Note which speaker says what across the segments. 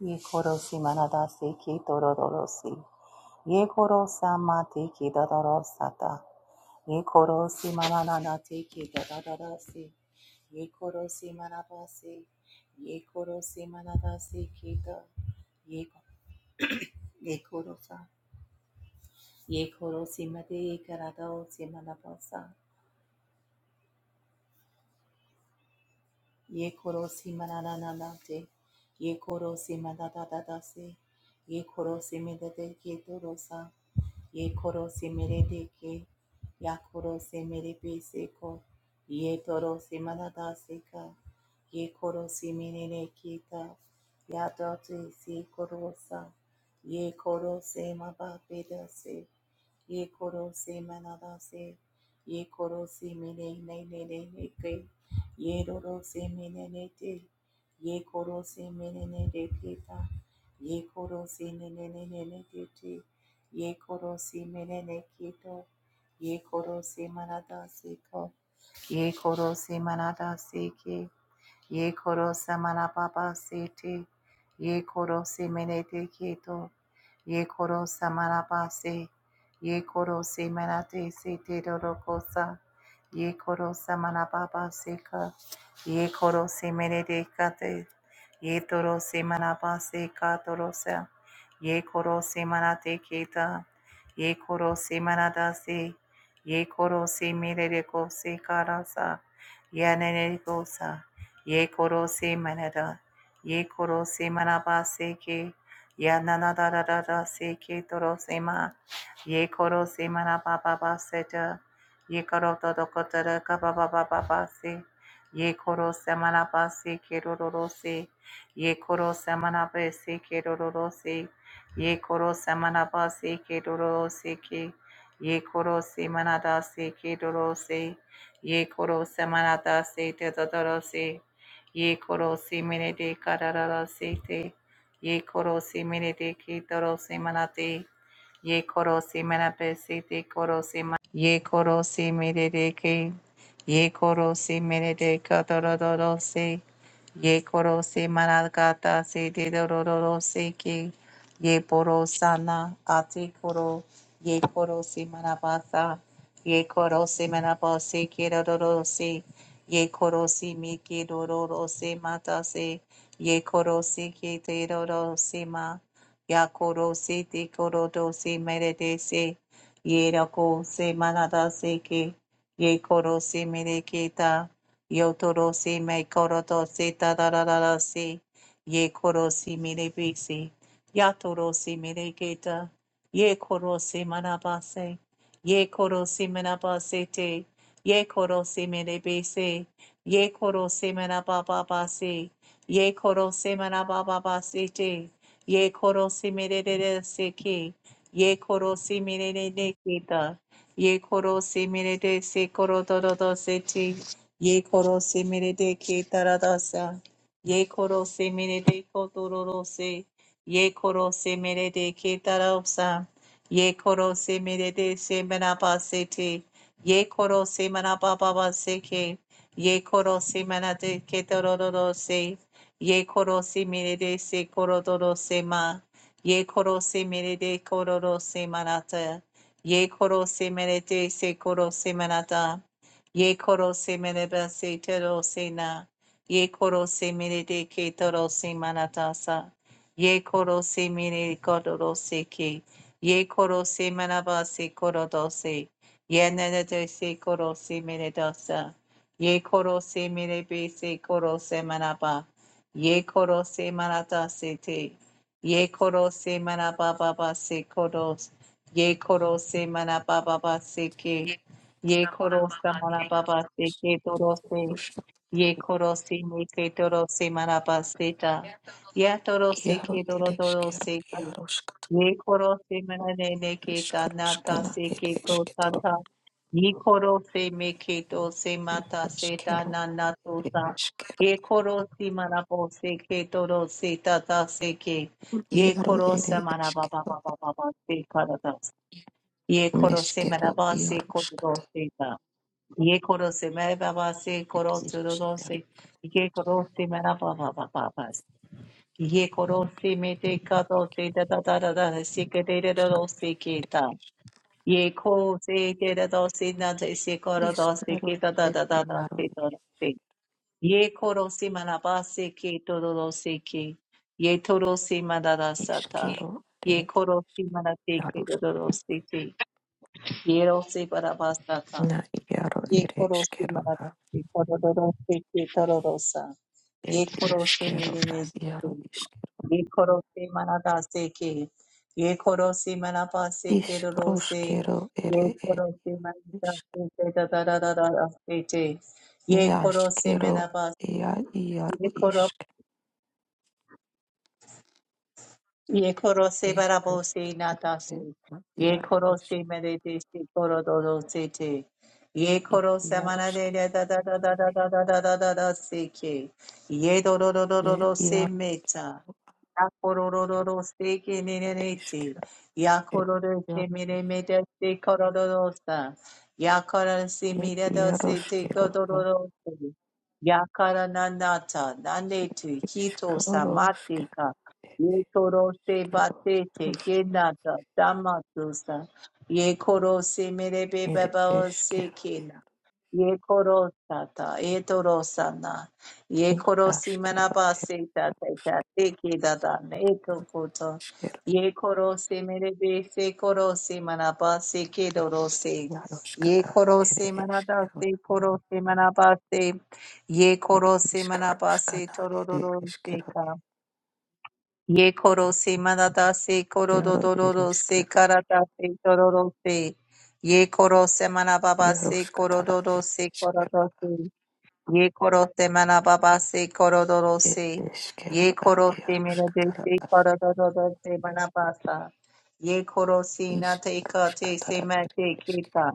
Speaker 1: ye koro si manada si ki dororo si ye koro sama ti ki dororo sata ye koro si manana ti ki dororo si ye koro si manada si ye koro si manada si ki do ye ye koro sa ye koro si made karado si manada sa ye koro si manana nana te ye koro si manada da da si ye koro si mede ki doro ye koro se mere deke, ya koro se mere peseko, ye toro se manada seka, ye koro se mere nekita, ya dote se korosa, ye koro se mabapeda se, ye koro se manada se, ye koro se mere ne ne ne ne ke, ye roro se mere ne te, ye koro se mere ne dekita, ye koro se ne ne ne ne ne te te. Ye koro si menene kito. Ye koro si manada siko. Ye koro si manada siki. Ye koro si manababa siti. Ye koro si menete kito. Ye koro si manaba si. Ye koro si menate siti dorokosa. Ye koro si manababa sika. Ye koro si menete kate. Ye toro si manaba sika ye koro se manate keta, ye koro se manada se, ye koro se mirere ko se karasa, ye nene ko sa, ye koro se manada, ye koro se manaba se ke, ya nana da da da da se ke toro se ma, ye koro se manaba ba ba se da, ye koro to do ko ka ba ba ba ba ba se, ye koro se manaba se ke ro ro ro se, ye koro se manabe se ke ro ro ro se, Ye koro samanaba se kedoro se ke. Ye koro semanada se kedoro se. Ye koro samanada se tedodoro se. Ye koro simene de kararara se te. Ye koro simene de kitoro semanate. Ye koro simanabe se te koro semanate. Ye koro simene de ke. Ye koro simene de kadodoro se. Ye koro semanagata se tedodoro se ke. Ye poro sana ati koro ye koro si manabasa ye koro si manabose kirororosi ye koro si miki dororosi matase ye koro si kitirorosi ma ya koro si ti koro dosi meredesi ye rako si manadasi ki ye koro si merekita yo toro si me koro dosi tadararasi ye koro si merebisi Yatorosi Mereketa, Ye Korosi Manabase, Ye Korosi Manabase Te, Ye Korosi Merebese, Ye Korosi Manabababase, Ye Korosi Manabababase Te, Ye Korosi Mererese Ke, Ye Korosi Mereketa, Ye Korosi Meredese Korododose Te, Ye Korosi Meredeke Taradasa, Ye Korosi Meredeko Dororose, Ye koro se mere de ke taropsa. Ye koro se mere de se manapa se te. Ye koro se manapa baba se ke. Ye koro se manate ke tororo se. Ye koro se mere de se kororo se ma. Ye koro se mere de kororo se manata. Ye koro se mere de se koro se manata. Ye koro se mere ba se tero se na. Ye koro se mere de ke toro se manata sa. Ye koro se mire kororo se ki. Ye koro se manaba se korodo se. Ye nanade se koro se mire dosa. Ye koro se mire be se koro se manaba. Ye koro se manata se te. Ye koro se manaba baba se koros. Ye koro se manaba baba se ki. Ye koro se manaba baba se ke doro se. Ye koro se mire ke doro se manaba se ta. Ya toro se
Speaker 2: Iaro
Speaker 1: ke doro doro
Speaker 2: ereshkero,
Speaker 1: se ka.
Speaker 2: iaroshkat,
Speaker 1: Ye koro se manane ne ke ta nata
Speaker 2: ishkaroshkana
Speaker 1: se ke ko
Speaker 2: ereshketaro,
Speaker 1: tata. Ye koro se me ke to se mata se ta
Speaker 2: iaroshkero,
Speaker 1: na na to sa.
Speaker 2: ereshkero,
Speaker 1: Ye koro se manapo se ke toro se tata se ke. Ye
Speaker 2: iaro
Speaker 1: koro se manaba ba
Speaker 2: ereshkero,
Speaker 1: ba ba ba ba se karata. Ye koro se
Speaker 2: neshkero,
Speaker 1: manaba se koro
Speaker 2: iaroshkata,
Speaker 1: se ta. Ye koro se manaba se koro toro
Speaker 2: ereshkero,
Speaker 1: se. Ye koro se manaba ba ba ba ba. Ye korosi mete karosi da da da da da si kete da da da si kita. Ye ko si te da da si na te si koro da si
Speaker 2: ishkero,
Speaker 1: kita da
Speaker 2: er
Speaker 1: da da da
Speaker 2: iaro,
Speaker 1: si da da si. Ye korosi manaba si ki to do do si ki. Ye toro si manada sata.
Speaker 2: ishkero,
Speaker 1: Ye korosi
Speaker 2: ereshkero,
Speaker 1: manate do
Speaker 2: iaroshk,
Speaker 1: do do si ki. Ye rosi baraba sata.
Speaker 2: na iaro
Speaker 1: Ye korosi
Speaker 2: ereshkero,
Speaker 1: manate
Speaker 2: a,
Speaker 1: ki do do do si ki to do do sa. Ye korosi
Speaker 2: ereshkero, as
Speaker 1: mene
Speaker 2: iaro ishkero.
Speaker 1: ye koro se manada se ke ye koro se manapa se ke ro se
Speaker 2: Ishkarushkero
Speaker 1: ye
Speaker 2: ere ere
Speaker 1: koro se manada
Speaker 2: ishk.
Speaker 1: se ke da da da da da da se te ye koro se
Speaker 2: Nashkero
Speaker 1: manapa
Speaker 2: ia iaru
Speaker 1: se
Speaker 2: ishk.
Speaker 1: Ye koro se barabo se
Speaker 2: Ishkarushkero
Speaker 1: nata se.
Speaker 2: ere
Speaker 1: Ye
Speaker 2: iaru
Speaker 1: koro
Speaker 2: ishk.
Speaker 1: se merete se koro dodo se te. Ye
Speaker 2: Ere
Speaker 1: koro se
Speaker 2: iarushk.
Speaker 1: manade da da da da da da da da da da da da se ke. Ye do do do do do
Speaker 2: Ere
Speaker 1: do se meta.
Speaker 2: iarushkero
Speaker 1: Ya koro do do do se ke ne ne
Speaker 2: ere
Speaker 1: ne te.
Speaker 2: ishkero
Speaker 1: Ya
Speaker 2: ere
Speaker 1: koro do se
Speaker 2: iaru
Speaker 1: mire
Speaker 2: ishk.
Speaker 1: me da se koro do do sa. Ya koro se
Speaker 2: Ere
Speaker 1: mire da se te
Speaker 2: iarushkero
Speaker 1: ko do
Speaker 2: a
Speaker 1: do do se. Ya kara nanata nane te hito
Speaker 2: ishkarushka
Speaker 1: samate Ye
Speaker 2: ere
Speaker 1: korose
Speaker 2: ishkero
Speaker 1: batete
Speaker 2: iarushk.
Speaker 1: kenata tamatusa. Ye korose merebe
Speaker 2: Ere
Speaker 1: babaose
Speaker 2: ishkero
Speaker 1: kena.
Speaker 2: iaru
Speaker 1: Ye korosata etorosana. Ye
Speaker 2: Ed
Speaker 1: korosi
Speaker 2: ashkero ere
Speaker 1: manabase tata tate kedadana etokoto.
Speaker 2: ishkero
Speaker 1: Ye korose merebe se korose manabase kedorose. Ye
Speaker 2: iarushkata ere
Speaker 1: korose
Speaker 2: ishkero
Speaker 1: manadase korose manabase. Ye
Speaker 2: It
Speaker 1: korose
Speaker 2: is
Speaker 1: manabase
Speaker 2: Karuskana, it is
Speaker 1: torororose
Speaker 2: Kero,
Speaker 1: Ye koro se manada se koro do
Speaker 2: Yaro,
Speaker 1: do do
Speaker 2: it is
Speaker 1: se
Speaker 2: Kero,
Speaker 1: karata se do do se. Ye koro se manababa se koro do
Speaker 2: Yaruskatara,
Speaker 1: do
Speaker 2: it
Speaker 1: se
Speaker 2: is
Speaker 1: koro
Speaker 2: Kero,
Speaker 1: se. Ye koroste mana baba se korodoro
Speaker 2: it
Speaker 1: se.
Speaker 2: is
Speaker 1: Ye
Speaker 2: Kero, at
Speaker 1: koroste mere de
Speaker 2: Yaruskatara,
Speaker 1: se
Speaker 2: at
Speaker 1: korodoro se mana basa. Ye korosi na
Speaker 2: is
Speaker 1: te kate se
Speaker 2: Karuskatara,
Speaker 1: ma
Speaker 2: it
Speaker 1: te
Speaker 2: is
Speaker 1: kita.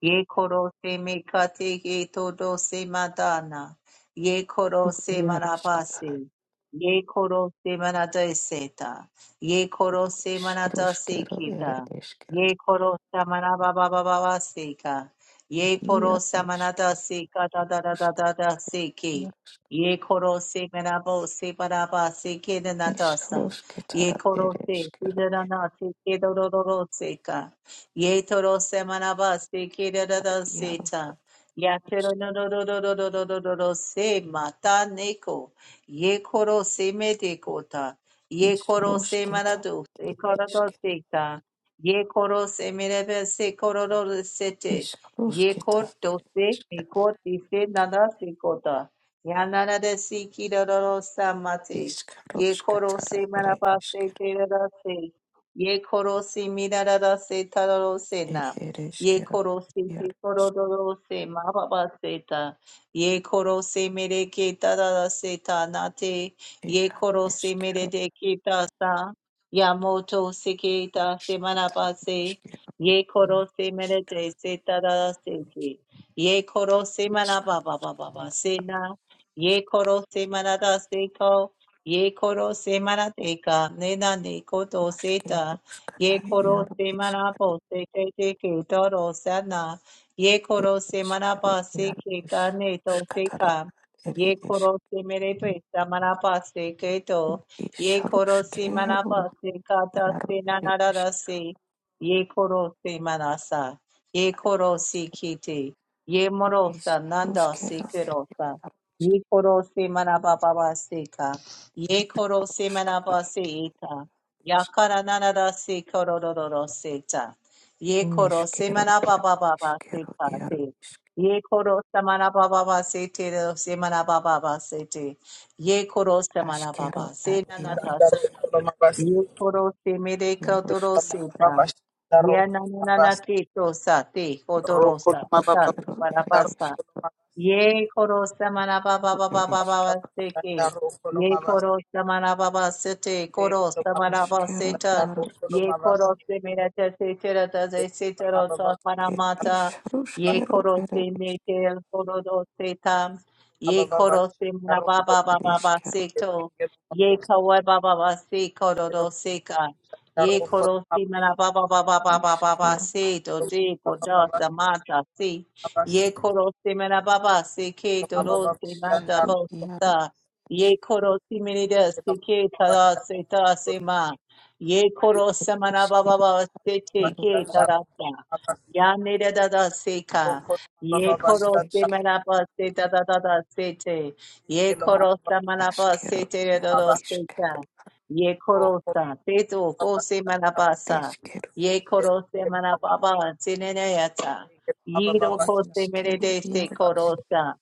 Speaker 1: Ye koroste me kate ye todo se madana. Ye
Speaker 2: Kero,
Speaker 1: koroste mana
Speaker 2: Yaruskatara,
Speaker 1: basi. Ye koroste mana de seta. Ye koroste
Speaker 2: is
Speaker 1: mana da se
Speaker 2: Ruskero, it
Speaker 1: kita.
Speaker 2: is Kero,
Speaker 1: Ye koroste mana baba baba se ka. Ye poro
Speaker 2: Yar is
Speaker 1: samanada se kata da da da
Speaker 2: Karuskatara,
Speaker 1: da da se ke.
Speaker 2: Yarus,
Speaker 1: Ye koro se menabo se baraba se ke de
Speaker 2: is
Speaker 1: natasa. Ye
Speaker 2: ere
Speaker 1: koro
Speaker 2: it
Speaker 1: se
Speaker 2: is Kero,
Speaker 1: sidarana se ke do do do do se ka. Ye toro se manaba se ke da da
Speaker 2: at
Speaker 1: da se
Speaker 2: Yarusk,
Speaker 1: ta. Ya tero no do do do do do do do do do se mata neko. Ye koro se me de kota. Ye
Speaker 2: is
Speaker 1: koro se
Speaker 2: Rusketa,
Speaker 1: manado se
Speaker 2: it
Speaker 1: kara
Speaker 2: is
Speaker 1: do
Speaker 2: Kero,
Speaker 1: se ka. Ye koro se merebe se koro do se te.
Speaker 2: is
Speaker 1: Yeko
Speaker 2: Karusketa.
Speaker 1: tose miko tise nana sikota. Yanana de siki dororo samate. Yekoro
Speaker 2: Iskaroskatara
Speaker 1: se
Speaker 2: ere
Speaker 1: maraba se
Speaker 2: eskero
Speaker 1: terada se. Yekoro si mirada se tararo se
Speaker 2: er
Speaker 1: na.
Speaker 2: ere eskero
Speaker 1: Yekoro si
Speaker 2: iar
Speaker 1: tikororo se mababa se ta. Yekoro se mereke tarada se ta nate.
Speaker 2: iar
Speaker 1: Yekoro se
Speaker 2: eskero
Speaker 1: merede kita sa. Yamoto sikita se
Speaker 2: skitaro
Speaker 1: maraba se.
Speaker 2: skero
Speaker 1: Ye
Speaker 2: iar
Speaker 1: koro se mere
Speaker 2: iskero
Speaker 1: te se tada se ki. Ye koro se mana
Speaker 2: skero
Speaker 1: ba ba ba ba ba se na. Ye koro se mana da se ko. Ye koro se mana te ka. Ne na ne koto se ta.
Speaker 2: skana
Speaker 1: Ye koro
Speaker 2: iar
Speaker 1: se mana
Speaker 2: iskero
Speaker 1: po se te te ke toro se na. Ye
Speaker 2: er
Speaker 1: koro se mana
Speaker 2: eskero
Speaker 1: pa se
Speaker 2: iar
Speaker 1: ke ta ne to se ka.
Speaker 2: iskatara
Speaker 1: Ye
Speaker 2: ere esk
Speaker 1: koro se mere te sa mana pa se ke to. Ye
Speaker 2: iskaro
Speaker 1: koro se mana pa
Speaker 2: skero
Speaker 1: se ka ta
Speaker 2: iar
Speaker 1: se na
Speaker 2: ere
Speaker 1: na da da
Speaker 2: eskero
Speaker 1: se. Ye koro se manasa. Ye koro si
Speaker 2: eskero
Speaker 1: kiti. Ye morosa
Speaker 2: iskaro
Speaker 1: nanda si kirosa.
Speaker 2: iar
Speaker 1: Ye koro se manababa seka. Ye koro
Speaker 2: iskaro
Speaker 1: se
Speaker 2: skatara
Speaker 1: manaba se eka. Yakara nanada se kororo seta. Ye
Speaker 2: iskero
Speaker 1: koro se manababa
Speaker 2: iskero
Speaker 1: seka
Speaker 2: iar
Speaker 1: te. Ye koro se manababa se te se manababa se te. Ye koro se manababa
Speaker 2: Ashkero
Speaker 1: se
Speaker 2: ed iaro
Speaker 1: nanata
Speaker 2: isk
Speaker 1: Yekorose mereka
Speaker 2: iaroskatara
Speaker 1: toroseta. Yananana keto sate kotorosa atate
Speaker 2: isruskero ere
Speaker 1: parabasa.
Speaker 2: eskero
Speaker 1: Ye koro mana baba baba
Speaker 2: ere esk
Speaker 1: baba seke. Ye koro mana baba sete koro mana baba
Speaker 2: eskero
Speaker 1: seta.
Speaker 2: iaro
Speaker 1: Ye koro se mera te se tera ta se se tero ta
Speaker 2: ed
Speaker 1: paramata. Ye
Speaker 2: isruskero
Speaker 1: koro
Speaker 2: ere
Speaker 1: se me
Speaker 2: esk
Speaker 1: te el koro do seta. Ye koro se mana baba baba
Speaker 2: ed
Speaker 1: baba
Speaker 2: eskero
Speaker 1: seto. Ye kawa baba baba se koro do seka. Ye koro se mana baba baba baba baba
Speaker 2: iskero
Speaker 1: se do te kodo samata se. Ye koro se mera baba se ke
Speaker 2: ed
Speaker 1: toro se mata
Speaker 2: isru
Speaker 1: bo
Speaker 2: iaro
Speaker 1: sata. Ye
Speaker 2: esk
Speaker 1: koro se mera se ke tara se ta se ma. Ye koro
Speaker 2: ed
Speaker 1: se mera baba
Speaker 2: eskero
Speaker 1: ba se te
Speaker 2: iaro
Speaker 1: ke tara sa. Ya ne da da se ka. Ye
Speaker 2: iaro ed
Speaker 1: koro se
Speaker 2: eskero
Speaker 1: mera ba se da da da da se te. Ye koro se mera ba
Speaker 2: ashkero
Speaker 1: se te da da
Speaker 2: iaro
Speaker 1: da se
Speaker 2: iskero
Speaker 1: ka. Ye koro sa pe to ko se mera ba
Speaker 2: ed
Speaker 1: sa.
Speaker 2: eskero
Speaker 1: Ye koro se mera baba se ne ne ya ta. Yiro kose
Speaker 2: iskero
Speaker 1: merede se
Speaker 2: iaro isk
Speaker 1: korosa.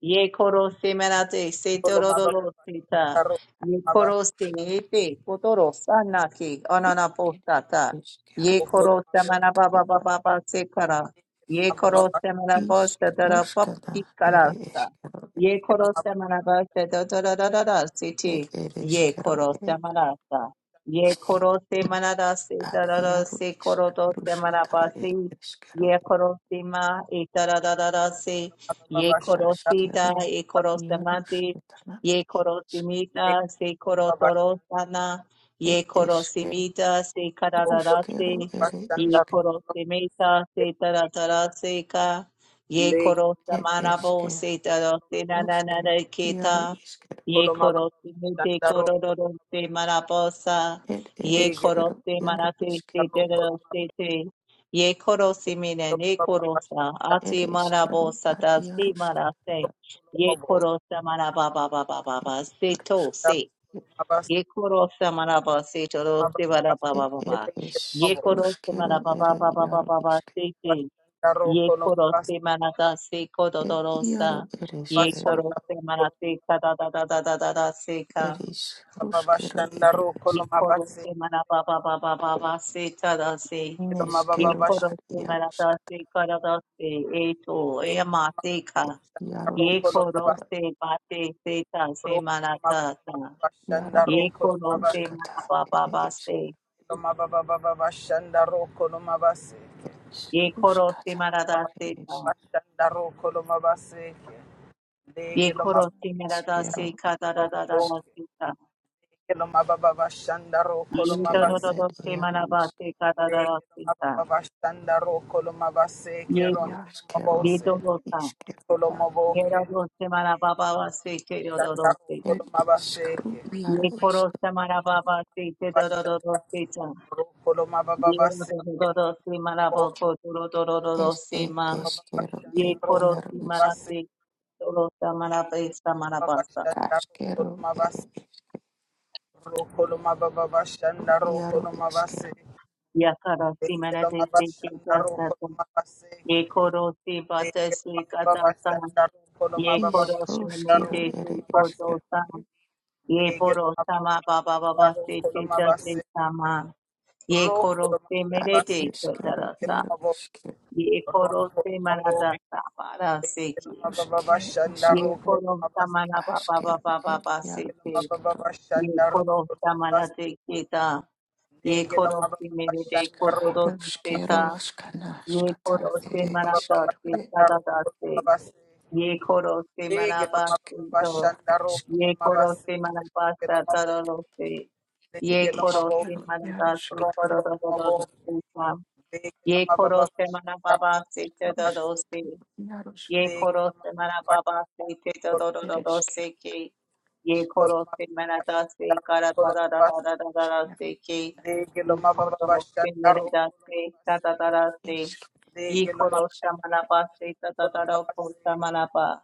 Speaker 1: Ye korose merate se tororosita. Ye korose ete kotorosa naki anana
Speaker 2: ed
Speaker 1: postata.
Speaker 2: eskero
Speaker 1: Ye korose manaba
Speaker 2: iaro
Speaker 1: baba baba se kara. Ye korose manaba se dara
Speaker 2: Ishkaroshkana
Speaker 1: papi
Speaker 2: ere
Speaker 1: karasa.
Speaker 2: eshkero
Speaker 1: Ye korose manaba se dara dara dara
Speaker 2: ed
Speaker 1: siti.
Speaker 2: ere
Speaker 1: Ye
Speaker 2: eshkero
Speaker 1: korose
Speaker 2: ed
Speaker 1: manasa. Ye korose manada se
Speaker 2: ad
Speaker 1: dara
Speaker 2: iaro
Speaker 1: se koroto
Speaker 2: ishkaroshkatara ed
Speaker 1: se
Speaker 2: eshkero
Speaker 1: Ye
Speaker 2: ed
Speaker 1: korosima itarararase, ye korosita
Speaker 2: ashkero
Speaker 1: e korosamati,
Speaker 2: iaroshkatana
Speaker 1: ye korosimita se korotorosana,
Speaker 2: ed
Speaker 1: ye
Speaker 2: eshke
Speaker 1: korosimita se
Speaker 2: rushkero
Speaker 1: karararase,
Speaker 2: ere
Speaker 1: ye
Speaker 2: eshke
Speaker 1: korosimita se taratarase ka, ye
Speaker 2: ed
Speaker 1: korosamanabo
Speaker 2: eshke
Speaker 1: se
Speaker 2: rushke iaru
Speaker 1: tarosinaranaketa,
Speaker 2: ishkero
Speaker 1: ye korosimite korororose marabosa,
Speaker 2: ed ere
Speaker 1: ye
Speaker 2: eshkero iaru
Speaker 1: korosimanate
Speaker 2: ishke
Speaker 1: se tararase Ye koro simine ne koro sa
Speaker 2: ed
Speaker 1: ati marabo
Speaker 2: eshkero ad
Speaker 1: sata si marase
Speaker 2: iaroshkatara
Speaker 1: ye koro sa maraba ba ba ba ba ba
Speaker 2: ed
Speaker 1: se to se
Speaker 2: iaroshkatara
Speaker 1: ye koro sa maraba se to ro se bara ba
Speaker 2: ed
Speaker 1: ba ba ba
Speaker 2: ed
Speaker 1: ye koro se
Speaker 2: eshrushkero
Speaker 1: maraba ba
Speaker 2: ere
Speaker 1: ba ba ba
Speaker 2: iaru
Speaker 1: ba ba
Speaker 2: iaro
Speaker 1: se te ye koro se managa se kodo
Speaker 2: Ed
Speaker 1: doro sa
Speaker 2: iaro
Speaker 1: ye
Speaker 2: ereskero,
Speaker 1: koro se manate ka da da da da da da da se ka
Speaker 2: ed iskruskero, ed
Speaker 1: ye koro se maraba ba ba ba ba ba se ta da se Ye
Speaker 2: ineskero
Speaker 1: koro
Speaker 2: ad
Speaker 1: se marata
Speaker 2: iaroskata,
Speaker 1: se karada se e to e ma se ka.
Speaker 2: ed iaro
Speaker 1: Ye
Speaker 2: iskero,
Speaker 1: koro
Speaker 2: ad
Speaker 1: se bate se ta se marata ta.
Speaker 2: iaro
Speaker 1: Ye koro se
Speaker 2: iskruskata,
Speaker 1: maraba
Speaker 2: ed
Speaker 1: baba
Speaker 2: esk,
Speaker 1: se.
Speaker 2: ed
Speaker 1: Ye koro se
Speaker 2: iskruskata,
Speaker 1: marada se
Speaker 2: ed
Speaker 1: ta.
Speaker 2: esk,
Speaker 1: Ye koro se marada
Speaker 2: skero
Speaker 1: se ka
Speaker 2: ad
Speaker 1: da da da da
Speaker 2: esk,
Speaker 1: da se ta. Ye do
Speaker 2: askero
Speaker 1: do do
Speaker 2: ed
Speaker 1: do se
Speaker 2: iaro
Speaker 1: maraba
Speaker 2: isk,
Speaker 1: se ka da da da se ta. Ye
Speaker 2: iaskero
Speaker 1: ye do
Speaker 2: na
Speaker 1: do ta.
Speaker 2: iskero, ad,
Speaker 1: Ye do do se maraba baba se ke do do do se ta.
Speaker 2: ed iskru iaro
Speaker 1: Ye
Speaker 2: isk,
Speaker 1: koro se maraba baba se ke do do do do se ta. Ye Rodoro Simarabo Rodoro
Speaker 2: est ed
Speaker 1: Sima,
Speaker 2: eskero,
Speaker 1: Ye
Speaker 2: ed
Speaker 1: koro
Speaker 2: iaro
Speaker 1: se
Speaker 2: isk,
Speaker 1: marata
Speaker 2: askero ed Iaro eskero, iskro eskero, ere eskero, are eskero, iaro eskero,
Speaker 1: sa para seki.
Speaker 2: ruskere eskero,
Speaker 1: Yekoro samana baba
Speaker 2: askero,
Speaker 1: baba
Speaker 2: ere
Speaker 1: baba
Speaker 2: iaro
Speaker 1: sete.
Speaker 2: eskero,
Speaker 1: Yekoro samana te keta. Yekoro simere te kotodo
Speaker 2: iskaro eskero,
Speaker 1: seta.
Speaker 2: skana, skata,
Speaker 1: Yekoro se
Speaker 2: ere
Speaker 1: ta
Speaker 2: eskero,
Speaker 1: se
Speaker 2: ere
Speaker 1: sada da se. Yekoro semana ba
Speaker 2: eskero,
Speaker 1: sento.
Speaker 2: iaro eskero,
Speaker 1: Yekoro semana ba sata da lo se. Yekoro
Speaker 2: eskero,
Speaker 1: semana
Speaker 2: iaro
Speaker 1: da se
Speaker 2: skata,
Speaker 1: koro do do do do seta. Yekoro ba se sete
Speaker 2: iskaro eskero, iaro skata, ere eskero, eskero,
Speaker 1: da do
Speaker 2: eskero,
Speaker 1: se. Ye koro se mana baba se te do do do do do se ke. Ye koro se mana da se kara da da da da da da da da se ke. Ye koro se mana da se ka da da da se. Ye koro se mana ba se da da da da ko se mana ba.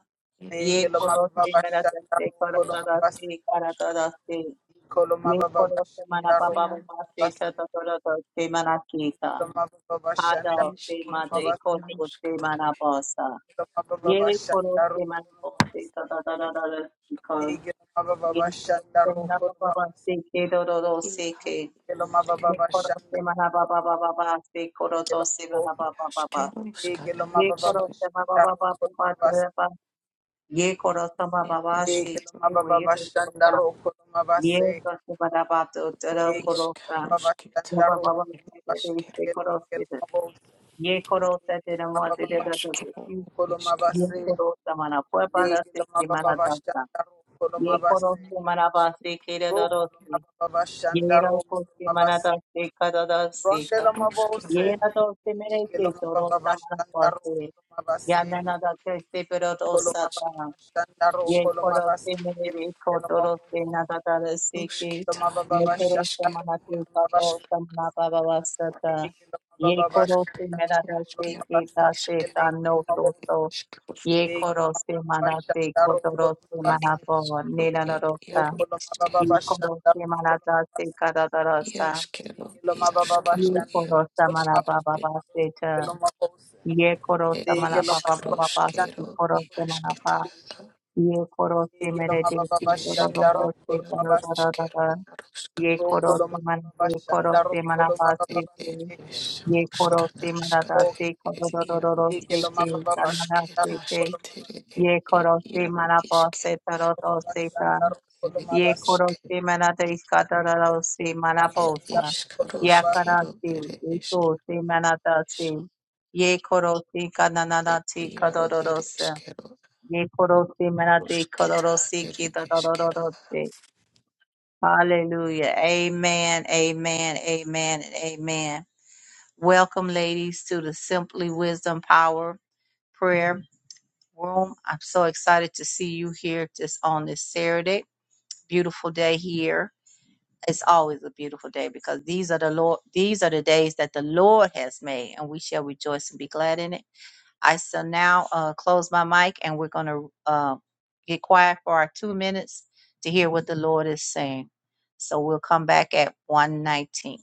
Speaker 1: Ye
Speaker 2: iaro
Speaker 1: koro se
Speaker 2: eskero,
Speaker 1: mana da se kara
Speaker 2: eskero,
Speaker 1: da da
Speaker 2: eskero,
Speaker 1: se kara da da se. Ye koro se mana ba ba ba
Speaker 2: Erekia
Speaker 1: ba se cha da da da da se mana ki ta. Ha se ma
Speaker 2: eskero
Speaker 1: de ko se
Speaker 2: iaruskatara
Speaker 1: mana ba sa. Ye koro se man o se da da da da
Speaker 2: ed
Speaker 1: da da si ka. Ye koro se na ba ba ba se ke do do do se
Speaker 2: ilha
Speaker 1: ke.
Speaker 2: eskero
Speaker 1: Ye koro se ma na ba ba ba ba ba se koro to se ma na ba ba ba ba.
Speaker 2: iaskero skata
Speaker 1: Ye koro
Speaker 2: eskero
Speaker 1: se ma ba ba ba ba ba te re ba. Ye koro se ma ba
Speaker 2: ed
Speaker 1: ba se ke
Speaker 2: eskero
Speaker 1: ni wo ye de ko sa. Ye do se ma na ba to te re koro sa. Ya
Speaker 2: iskaruskita
Speaker 1: ba ba ba ba
Speaker 2: ed
Speaker 1: de de
Speaker 2: eskero
Speaker 1: se koro se de. Ye koro se te na mo
Speaker 2: ed
Speaker 1: te de de de se.
Speaker 2: iaskero
Speaker 1: Ye
Speaker 2: eskero ed
Speaker 1: koro se ma na pue pa da se ke ma na da sa. Ye koro se manaba
Speaker 2: eskero
Speaker 1: se kere dorosi. Ye ro ko se manada se kada dorosita.
Speaker 2: iskaruskira
Speaker 1: Ye na do se mere se doro samana se. Ya na na da se se pero
Speaker 2: ed
Speaker 1: dosata. Ye koro se mere ve ko na da da se ke.
Speaker 2: iskaruskita
Speaker 1: Ye
Speaker 2: ere
Speaker 1: koro se
Speaker 2: eskero
Speaker 1: manate
Speaker 2: iar
Speaker 1: kato samana baba vasata. Ye koro se mera da se
Speaker 2: iaskero
Speaker 1: se
Speaker 2: iskero
Speaker 1: ta no to to. Ye koro se manate ko doro se
Speaker 2: ed
Speaker 1: manapo
Speaker 2: eskero
Speaker 1: ne
Speaker 2: ed iaru
Speaker 1: Ye koro se marada se karadarasa.
Speaker 2: Iasquero, Iasquero,
Speaker 1: Ye koro se maraba
Speaker 2: Iasquero,
Speaker 1: baba
Speaker 2: e
Speaker 1: se ta. Ye koro se maraba baba baba se
Speaker 2: Iscarosquero,
Speaker 1: koro se maraba.
Speaker 2: Iasquetara,
Speaker 1: Ye koro se mere de se koro
Speaker 2: Eresquero,
Speaker 1: dodo se
Speaker 2: Iaro, Isquero,
Speaker 1: karadarada. Ye
Speaker 2: Iaroscatara,
Speaker 1: koro se marade koro se maraba se
Speaker 2: e
Speaker 1: te. Ye koro se marada se
Speaker 2: Eresruscanascate, e
Speaker 1: koro
Speaker 2: Iaro,
Speaker 1: dodo se ke karada se te.
Speaker 2: Iscaruscanascitere, e
Speaker 1: Ye
Speaker 2: e
Speaker 1: koro se
Speaker 2: Iaro,
Speaker 1: maraba
Speaker 2: Isque,
Speaker 1: se tarodo se ta.
Speaker 2: Ere,
Speaker 1: Ye
Speaker 2: Isque,
Speaker 1: korosi manata iskatararo si
Speaker 2: et
Speaker 1: manapota. Ya
Speaker 2: Iscarosquero,
Speaker 1: karasi
Speaker 2: Ere, Isque,
Speaker 1: ito si manata si. Ye korosi kananana
Speaker 2: et
Speaker 1: ti
Speaker 2: Iaro,
Speaker 1: kadororosa.
Speaker 2: Eresquero,
Speaker 1: Ye korosi manati
Speaker 2: Rusceta,
Speaker 1: kadorosi ki
Speaker 2: Ere, iskero.
Speaker 1: dadororose. Hallelujah. Amen, amen, amen, and amen. Welcome, ladies, to the Simply Wisdom Power Prayer Room. I'm so excited to see you here just on this Saturday. Beautiful day here It's always a beautiful day because these are the Lord these are the days that the Lord has made and we shall rejoice and be glad in it. I shall now uh, close my mic and we're gonna uh, get quiet for our two minutes to hear what the Lord is saying. So we'll come back at 119.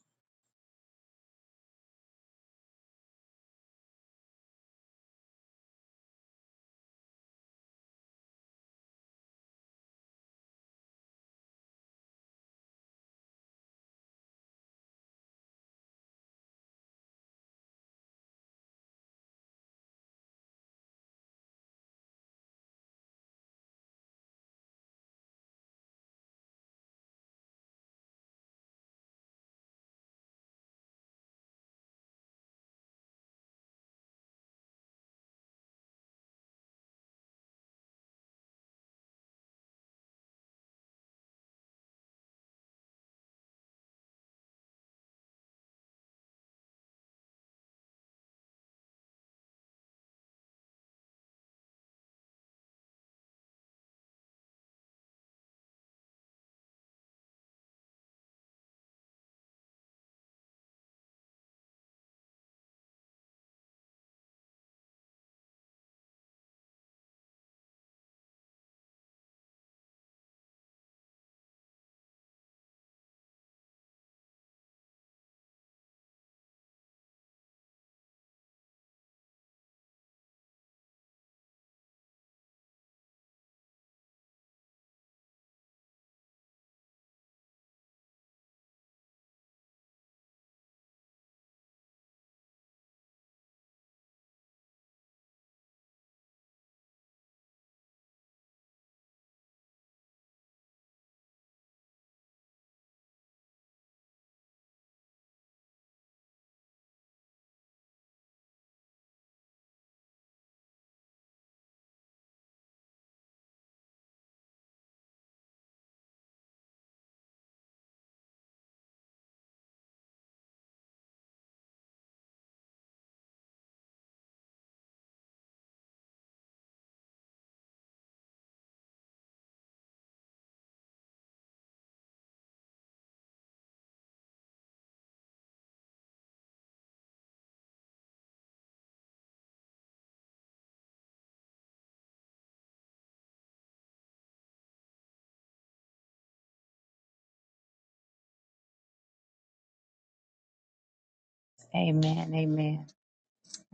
Speaker 1: Amen. Amen.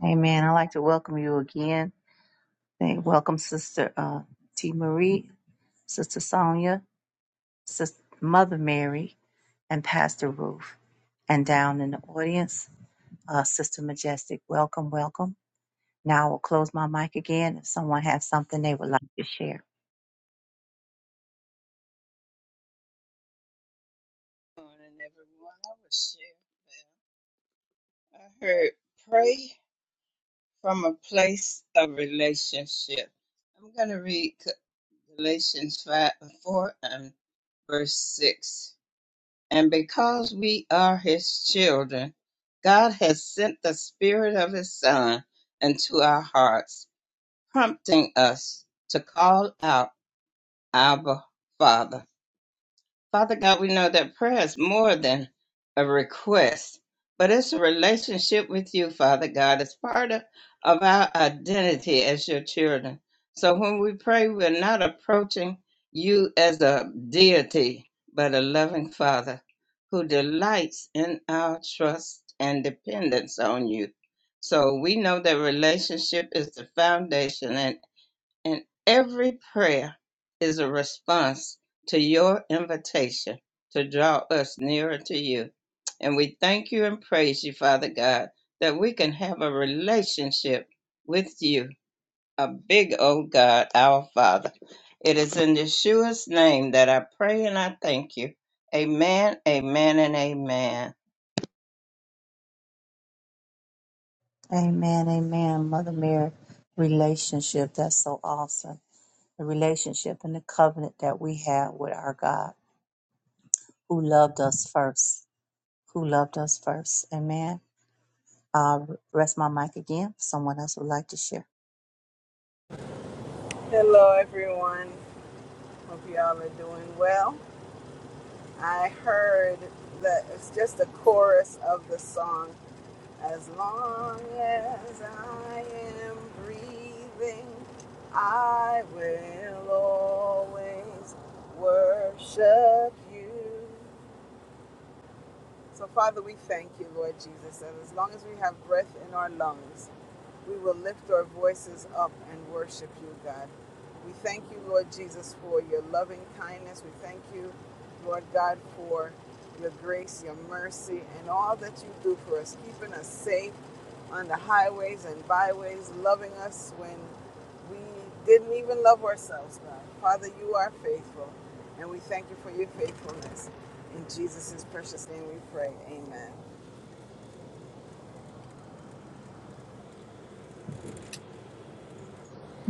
Speaker 1: Amen. I'd like to welcome you again. Hey, Welcome, Sister uh, T. Marie, Sister Sonia, Sister Mother Mary, and Pastor Ruth. And down in the audience, uh, Sister Majestic. Welcome, welcome. Now I will close my mic again if someone has something they would like to share.
Speaker 3: morning, everyone. I was share. I heard pray from a place of relationship. I'm going to read C- Galatians 5 and 4 and verse 6. And because we are his children, God has sent the Spirit of his Son into our hearts, prompting us to call out, Abba, Father. Father God, we know that prayer is more than a request, but it's a relationship with you, Father God. It's part of, of our identity as your children. So when we pray, we're not approaching you as a deity, but a loving Father who delights in our trust and dependence on you. So we know that relationship is the foundation and every prayer is a response to your invitation to draw us nearer to you. And we thank you and praise you, Father God, that we can have a relationship with you, a big old God, our Father. It is in Yeshua's name that I pray and I thank you. Amen, amen, and amen.
Speaker 1: Amen, amen. Mother Mary, relationship, that's so awesome. The relationship and the covenant that we have with our God who loved us first, who loved us first. Amen. i Uh, rest my mic again if someone else would like to share.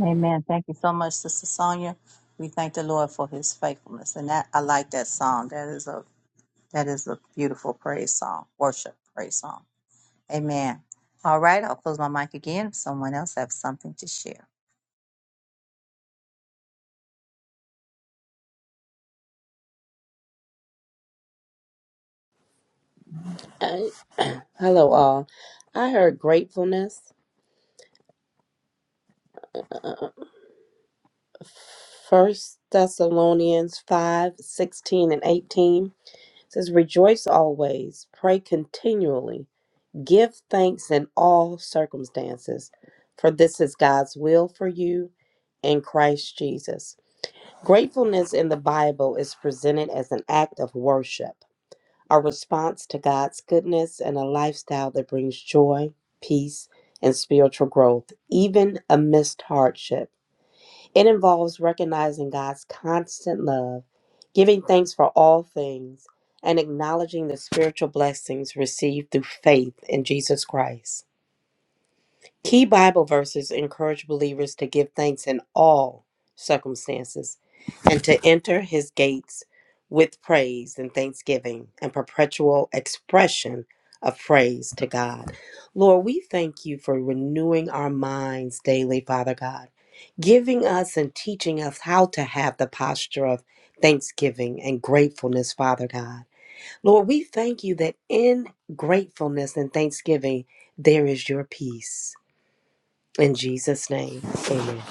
Speaker 1: Amen. Thank you so much, Sister Sonia. We thank the Lord for his faithfulness. And that I like that song. That is a That is a beautiful praise song, worship praise song. Amen. All right, I'll close my mic again if someone else has something to share.
Speaker 4: I, hello, all. I heard gratefulness. Uh, First Thessalonians 5 16 and 18 says, Rejoice always, pray continually, give thanks in all circumstances, for this is God's will for you in Christ Jesus. Gratefulness in the Bible is presented as an act of worship Our response to God's goodness and a lifestyle that brings joy, peace, and spiritual growth, even amidst hardship. It involves recognizing God's constant love, giving thanks for all things, and acknowledging the spiritual blessings received through faith in Jesus Christ. Key Bible verses encourage believers to give thanks in all circumstances and to enter his gates with praise and thanksgiving and perpetual expression of praise to God. Lord, we thank you for renewing our minds daily, Father God, giving us and teaching us how to have the posture of thanksgiving and gratefulness, Father God. Lord, we thank you that in gratefulness and thanksgiving, there is your peace. In Jesus' name, amen.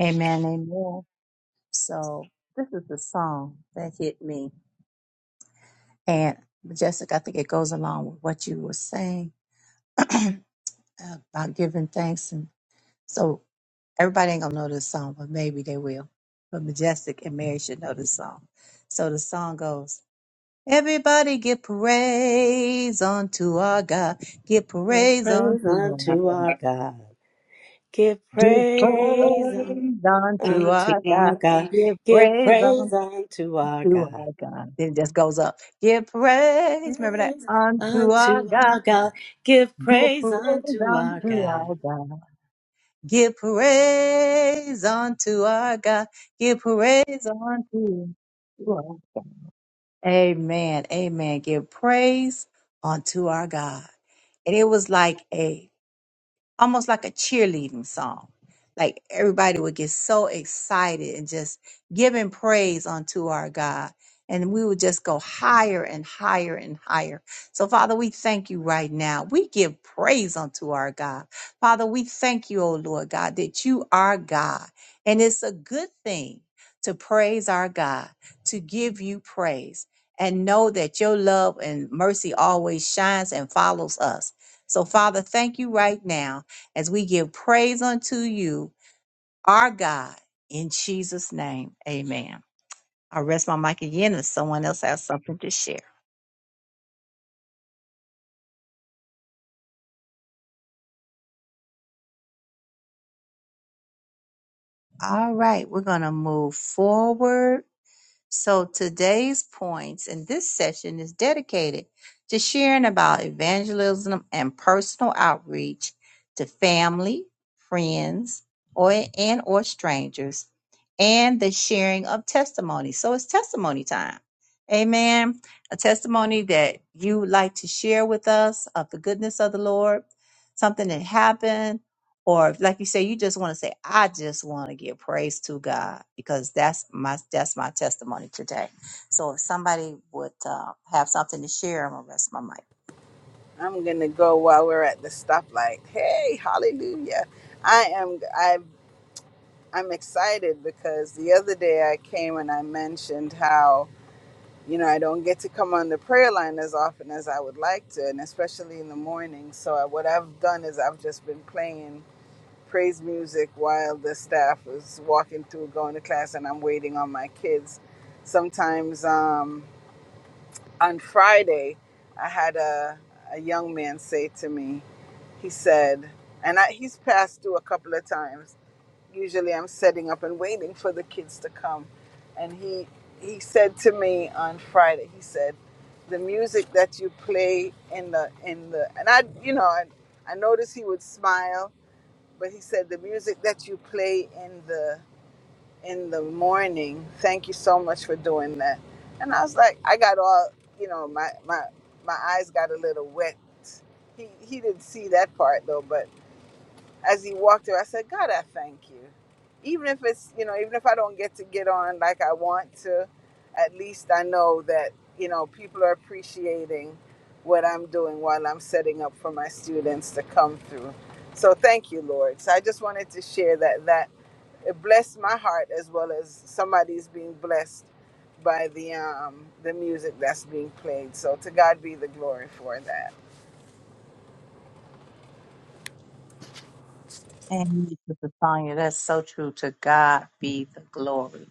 Speaker 1: Amen, amen. So this is the song that hit me. And Jessica, I think it goes along with what you were saying about giving thanks. And so everybody ain't gonna know this song, but maybe they will. But Majestic and Mary should know this song. So the song goes. Everybody give praise unto our God. Give
Speaker 4: Give
Speaker 1: praise
Speaker 4: praise
Speaker 1: unto our
Speaker 4: unto
Speaker 1: God.
Speaker 4: our God. Give
Speaker 1: Give
Speaker 4: praise un-
Speaker 1: praise unto
Speaker 4: unto
Speaker 1: our God.
Speaker 4: our God.
Speaker 1: Give
Speaker 4: Give
Speaker 1: praise
Speaker 4: praise
Speaker 1: unto
Speaker 4: unto our God.
Speaker 1: our God. It just goes up. Give praise. Remember that.
Speaker 4: Praise
Speaker 1: Unto our
Speaker 4: unto
Speaker 1: God.
Speaker 4: our God. Give
Speaker 1: Give
Speaker 4: praise
Speaker 1: praise
Speaker 4: unto our
Speaker 1: unto
Speaker 4: God.
Speaker 1: our God. Give praise unto our God. Give praise unto our God. Amen. Amen. Give praise unto our God. And it was like a almost like a cheerleading song. Like everybody would get so excited and just giving praise unto our God. And we would just go higher and higher and higher. So, Father, we thank you right now. We give praise unto our God. Father, we thank you, O Lord God, that you are God. And it's a good thing to praise our God, to give you praise, and know that your love and mercy always shines and follows us. So, Father, thank you right now as we give praise unto you, our God, in Jesus' name. Amen. I will rest my mic again if someone else has something to share. All right, we're going to move forward. So today's points in this session is dedicated to sharing about evangelism and personal outreach to family, friends, or and or strangers, and the sharing of testimony. So it's testimony time. Amen. A testimony that you would like to share with us of the goodness of the Lord, something that happened or if, like you say you just want to say i just want to give praise to god because that's my that's my testimony today so if somebody would uh, have something to share i'm gonna rest my mic
Speaker 5: I'm gonna go while we're at the stoplight. Hey, hallelujah! I am. I I'm excited because the other day I came and I mentioned how you know I don't get to come on the prayer line as often as I would like to, and especially in the morning. So I, what I've done is I've just been playing praise music while the staff is walking through, going to class, and I'm waiting on my kids. Sometimes um, on Friday, I had a a young man say to me. he said, and I, he's passed through a couple of times. Usually I'm setting up and waiting for the kids to come. And he, he said to me on Friday, he said, the music that you play in the, in the, and I, you know, I, I noticed he would smile and I was like, I got all,
Speaker 1: and sister sonia that's so true to god be the glory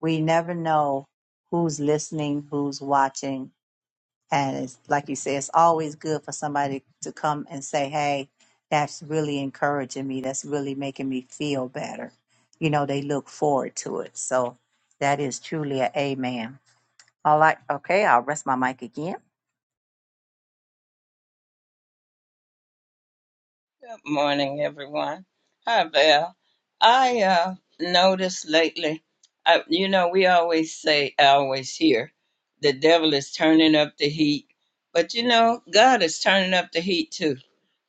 Speaker 1: we never know who's listening who's watching And it's, like you said, it's always good for somebody to come and say, hey, that's really encouraging me. That's really making me feel better. You know, they look forward to it. So that is truly an amen. All right. Okay. I'll rest my mic again.
Speaker 3: Good morning, everyone. Hi, Val. I uh, noticed lately, I, you know, we always say, I always hear, the devil is turning up the heat. But you know, God is turning up the heat too.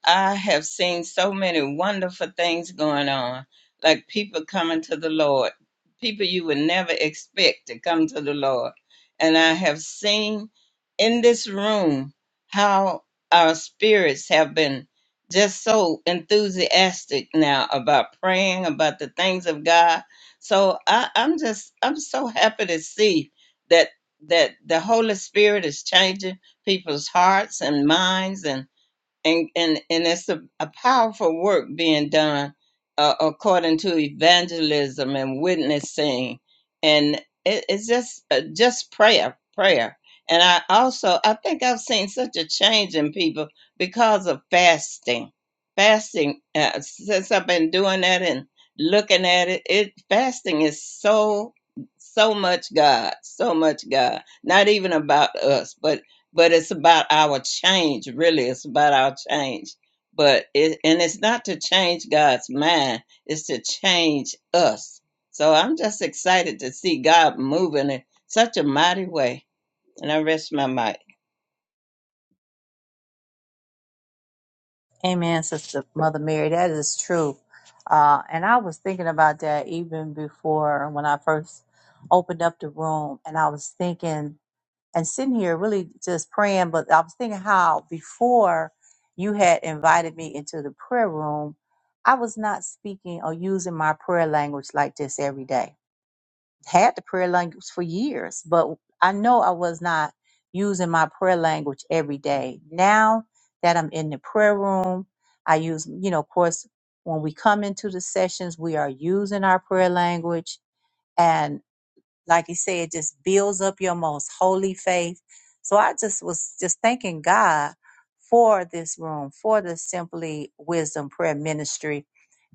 Speaker 3: I have seen so many wonderful things going on, like people coming to the Lord, people you would never expect to come to the Lord. And I have seen in this room how our spirits have been just so enthusiastic now about praying about the things of God. So I, I'm just I'm so happy to see that that the Holy Spirit is changing people's hearts and minds and and and and it's a, a powerful work being done uh, according to evangelism and witnessing and it, it's just uh, just prayer prayer and i also i think i've seen such a change in people because of fasting fasting uh, since i've been doing that and looking at it it fasting is so so much god so much god not even about us but but it's about our change really it's about our change but it and it's not to change god's mind it's to change us so i'm just excited to see god moving in such a mighty way and i rest my mic
Speaker 1: Amen, Sister Mother Mary. That is true. Uh, and I was thinking about that even before when I first opened up the room. And I was thinking and sitting here really just praying. But I was thinking how before you had invited me into the prayer room, I was not speaking or using my prayer language like this every day. Had the prayer language for years, but I know I was not using my prayer language every day. Now that I'm in the prayer room, I use, you know, of course, when we come into the sessions, we are using our prayer language like you said, just builds up your most holy faith. So I just was just thanking God for this room, for the Simply Wisdom Prayer Ministry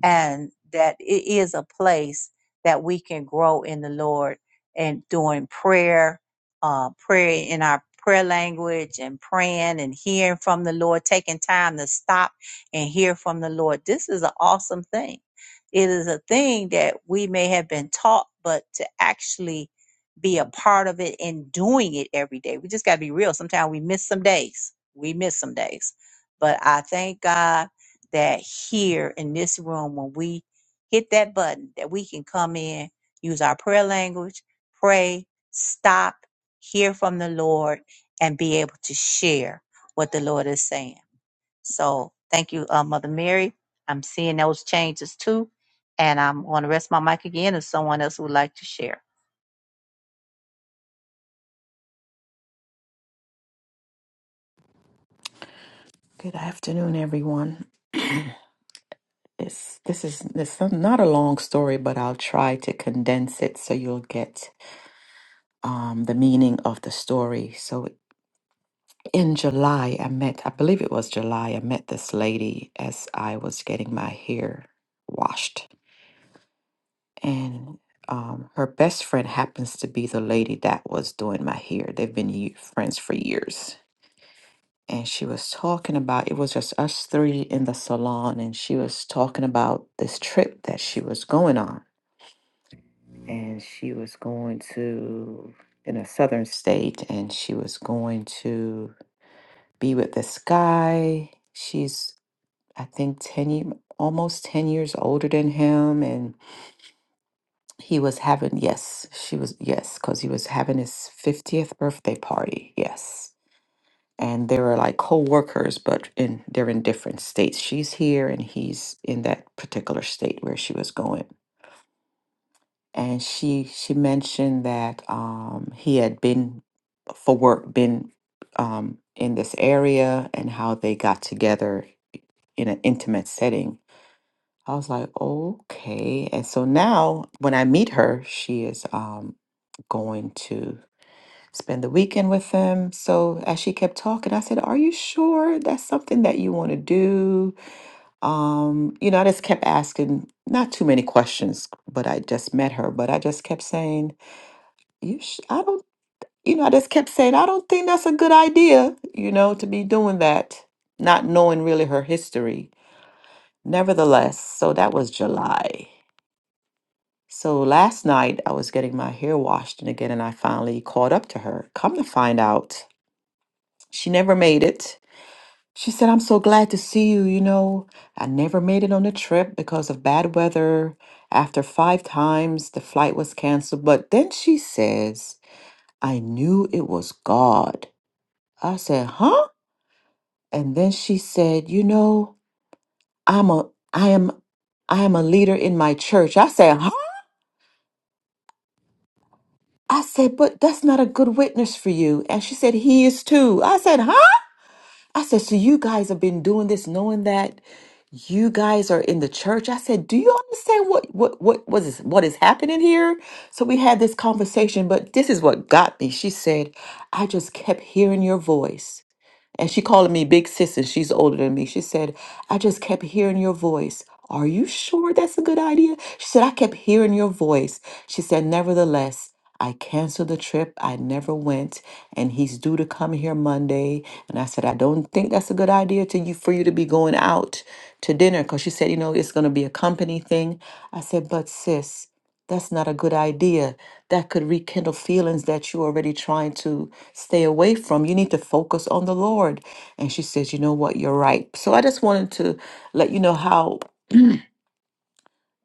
Speaker 1: and that it is a place that we can grow in the Lord and doing prayer, uh, prayer in our prayer language and praying and hearing from the Lord, taking time to stop and hear from the Lord. This is an awesome thing. It is a thing that we may have been taught, but to actually be a part of it and doing it every day. We just got to be real. Sometimes we miss some days. We miss some days. But I thank God that here in this room, when we hit that button, that we can come in, use our prayer language, pray, stop, hear from the Lord, and be able to share what the Lord is saying. So thank you, uh, Mother Mary. I'm seeing those changes too. And I'm going to rest my mic again if someone else would like to share.
Speaker 2: Good afternoon, everyone. It's, this is this is not a long story, but I'll try to condense it so you'll get um, the meaning of the story. So in July, I met, I believe it was July, I met this lady as I was getting my hair washed. And um, her best friend happens to be the lady that was doing my hair. They've been ye- friends for years and she was talking about it was just us three in the salon and she was talking about this trip that she was going on and she was going to in a southern state and she was going to be with this guy she's i think 10 ye- almost 10 years older than him and he was having yes she was yes because he was having his 50th birthday party yes and they were like co-workers but in they're in different states she's here and he's in that particular state where she was going and she she mentioned that um he had been for work been um in this area and how they got together in an intimate setting i was like okay and so now when i meet her she is um going to spend the weekend with them. So as she kept talking, I said, "Are you sure that's something that you want to do?" Um, you know, I just kept asking not too many questions, but I just met her, but I just kept saying, "You sh- I don't you know, I just kept saying, "I don't think that's a good idea, you know, to be doing that, not knowing really her history." Nevertheless, so that was July. So last night I was getting my hair washed and again and I finally caught up to her. Come to find out, she never made it She said, I'm so glad to see you. You know, I never made it on the trip because of bad weather. After five times, the flight was canceled. But then she says, I knew it was God. I said, huh? And then she said, you know, I'm a, I am, I am a leader in my church. I said, huh? I said, but that's not a good witness for you. And she said, he is too. I said, huh? I said, so you guys have been doing this knowing that you guys are in the church. I said, do you understand what what what was this, what is happening here? So we had this conversation, but this is what got me. She said, I just kept hearing your voice. And she calling me big sis, and she's older than me. She said, I just kept hearing your voice. Are you sure that's a good idea? She said, I kept hearing your voice. She said, Nevertheless, I canceled the trip. I never went. And he's due to come here Monday. And I said, I don't think that's a good idea to you for you to be going out to dinner. Cause she said, you know, it's gonna be a company thing. I said, but sis. That's not a good idea. That could rekindle feelings that you're already trying to stay away from. You need to focus on the Lord. And she says, You know what? You're right. So I just wanted to let you know how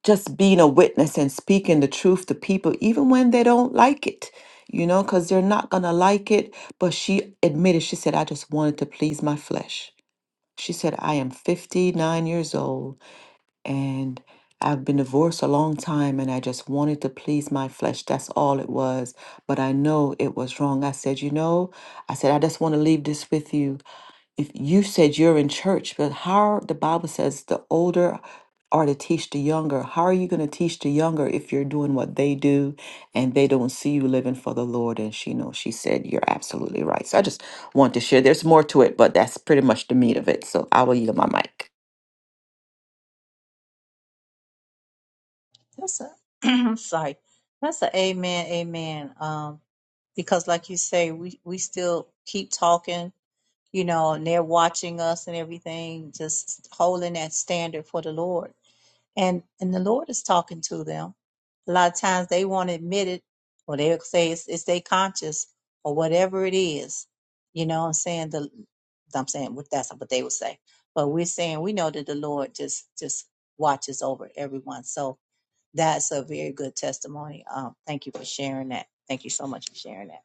Speaker 2: just being a witness and speaking the truth to people, even when they don't like it, you know, because they're not going to like it. But she admitted, She said, I just wanted to please my flesh. She said, I am 59 years old and I've been divorced a long time and I just wanted to please my flesh. That's all it was. But I know it was wrong. I said, You know, I said, I just want to leave this with you. If you said you're in church, but how the Bible says the older are to teach the younger. How are you going to teach the younger if you're doing what they do and they don't see you living for the Lord? And she knows she said, You're absolutely right. So I just want to share. There's more to it, but that's pretty much the meat of it. So I will yield my mic.
Speaker 1: That's a, I'm sorry. That's a amen, amen. Um, because like you say, we, we still keep talking you know, and they're watching us and everything, just holding that standard for the Lord. And and the Lord is talking to them. A lot of times they won't admit it, or they'll say it's, it's their conscience or whatever it is. You know, what I'm saying the, I'm saying what that's what they would say. But we're saying we know that the Lord just just watches over everyone. So that's a very good testimony. Um, thank you for sharing that. Thank you so much for sharing that.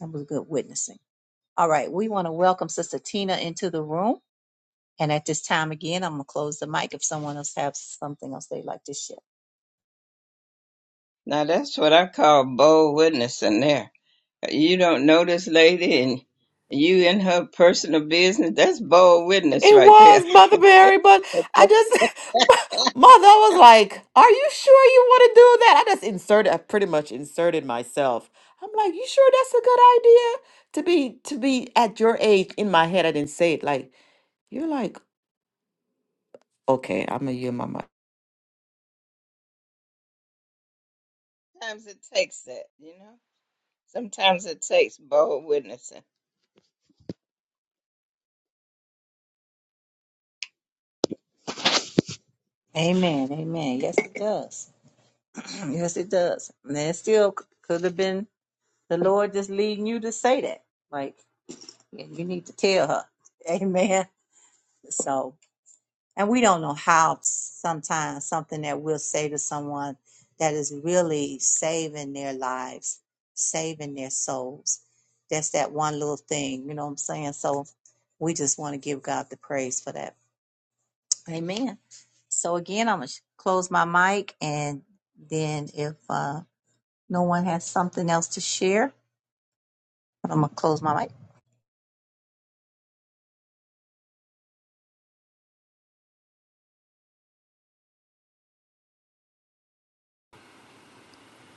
Speaker 1: That was good witnessing. All right, we want to welcome Sister Tina into the room. And at this time, again, I'm going to close the mic if someone else has something else they'd like to share.
Speaker 3: now that's what i call bold witness in there you don't know this lady and you in her personal business that's bold witness
Speaker 2: It
Speaker 3: right there
Speaker 2: was Mother Mary, but
Speaker 3: But
Speaker 2: I just, Mother, was like, "Are you sure you want to do that?" I just inserted, I pretty much inserted myself. I'm like, "You sure that's a good idea?" To be, to be at your age, in my head, I didn't say it. Like you're like, okay, I'm gonna use my mic.
Speaker 3: sometimes it takes that you know sometimes it takes bold witnessing
Speaker 1: Amen. Amen. Yes, it does. yes, it does. And it still c- could have been the Lord just leading you to say that. Like, you you need to tell her. Amen. So, and we don't know how sometimes something that we'll say to someone that is really saving their lives, saving their souls. That's that one little thing, you know what I'm saying? So we just want to give God the praise for that. Amen. So again, I'm going to close my mic and then if uh, no one has something else to share, I'm going to close my mic.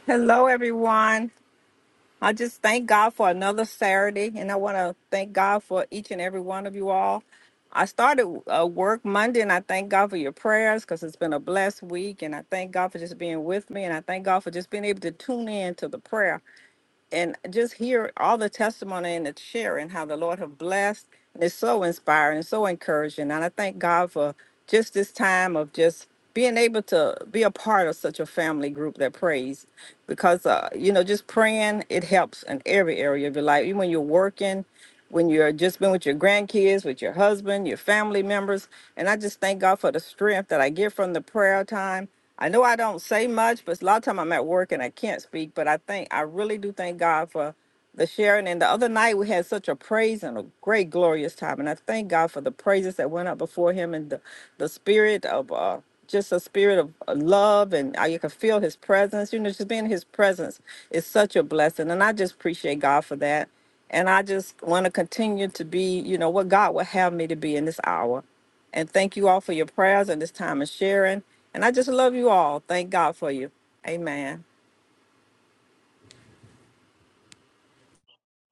Speaker 6: Hello, everyone. I just thank God for another Saturday, and I want to thank God for each and every one of you all. I started uh, work Monday, and I thank God for your prayers because it's been a blessed week. And I thank God for just being with me, and I thank God for just being able to tune in to the prayer and just hear all the testimony and the sharing how the Lord have blessed and it's so inspiring, so encouraging. And I thank God for just this time of just being able to be a part of such a family group that prays because uh, you know just praying it helps in every area of your life even when you're working when you're just been with your grandkids with your husband your family members and i just thank god for the strength that i get from the prayer time I know I don't say much, but a lot of time I'm at work and I can't speak. But I think I really do thank God for the sharing. And the other night we had such a praise and a great, glorious time. And I thank God for the praises that went up before Him and the the spirit of uh, just a spirit of uh, love and uh, you can feel His presence. You know, just being in His presence is such a blessing. And I just appreciate God for that. And I just want to continue to be, you know, what God would have me to be in this hour. And thank you all for your prayers and this time of sharing. And I just love you all. Thank God for you. Amen.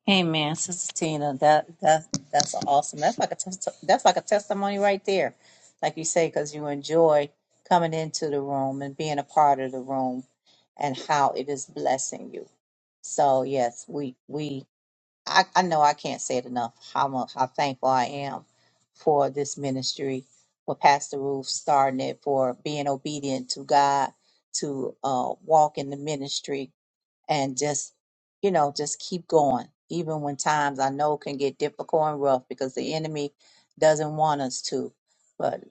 Speaker 1: Amen, Sister Tina. That that that's awesome. That's like a test, that's like a testimony right there, like you say, because you enjoy coming into the room and being a part of the room, and how it is blessing you. So yes, we we I, I know I can't say it enough how much how thankful I am for this ministry, for Pastor Ruth starting it, for being obedient to God to uh, walk in the ministry and just you know just keep going even when times i know can get difficult and rough because the enemy doesn't want us to but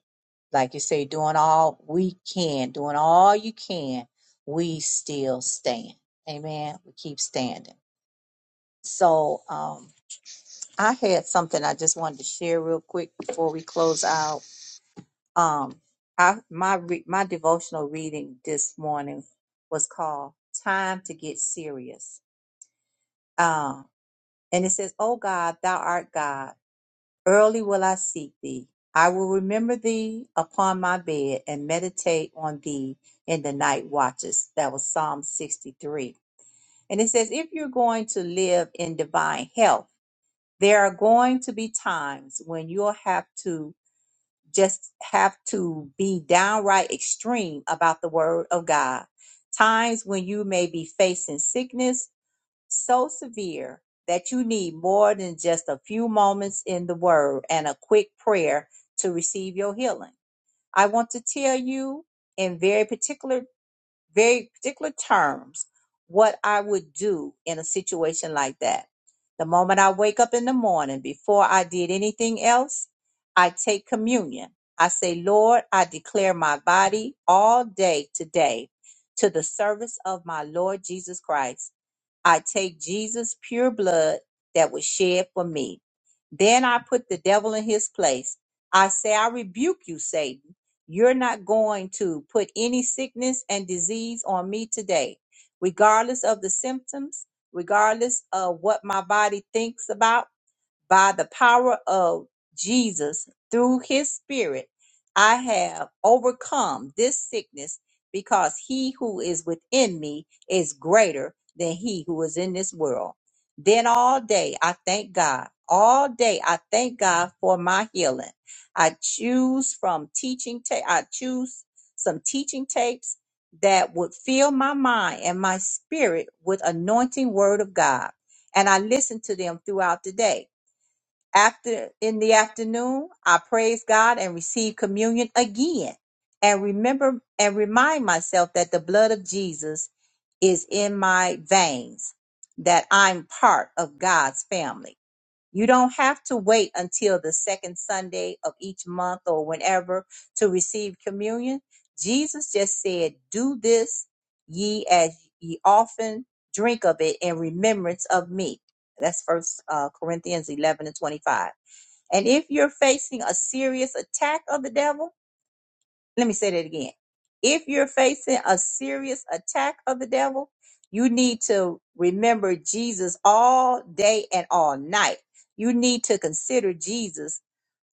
Speaker 1: like you say doing all we can doing all you can we still stand amen we keep standing so um i had something i just wanted to share real quick before we close out um i my re- my devotional reading this morning was called time to get serious Um, And it says, O God, thou art God. Early will I seek thee. I will remember thee upon my bed and meditate on thee in the night watches. That was Psalm 63. And it says, if you're going to live in divine health, there are going to be times when you'll have to just have to be downright extreme about the word of God. Times when you may be facing sickness, so severe that you need more than just a few moments in the Word and a quick prayer to receive your healing. I want to tell you in very particular, very particular terms what I would do in a situation like that. The moment I wake up in the morning, before I did anything else, I take communion. I say, Lord, I declare my body all day today to the service of my Lord Jesus Christ. I take Jesus' pure blood that was shed for me. Then I put the devil in his place. I say, I rebuke you, Satan. You're not going to put any sickness and disease on me today, regardless of the symptoms, regardless of what my body thinks about by the power of Jesus through his spirit, I have overcome this sickness because he who is within me is greater than he who is in this world. Then all day I thank God. All day I thank God for my healing. I choose from teaching ta- I choose some teaching tapes that would fill my mind and my spirit with anointing word of God. And I listen to them throughout the day after in the afternoon i praise god and receive communion again and remember and remind myself that the blood of jesus is in my veins that i'm part of god's family you don't have to wait until the second Sunday of each month or whenever to receive communion. Jesus just said, Do this ye as ye often drink of it in remembrance of me. That's first uh, Corinthians 11 and 25. And if you're facing a serious attack of the devil, let me say that again. If you're facing a serious attack of the devil, you need to remember Jesus all day and all night. You need to consider Jesus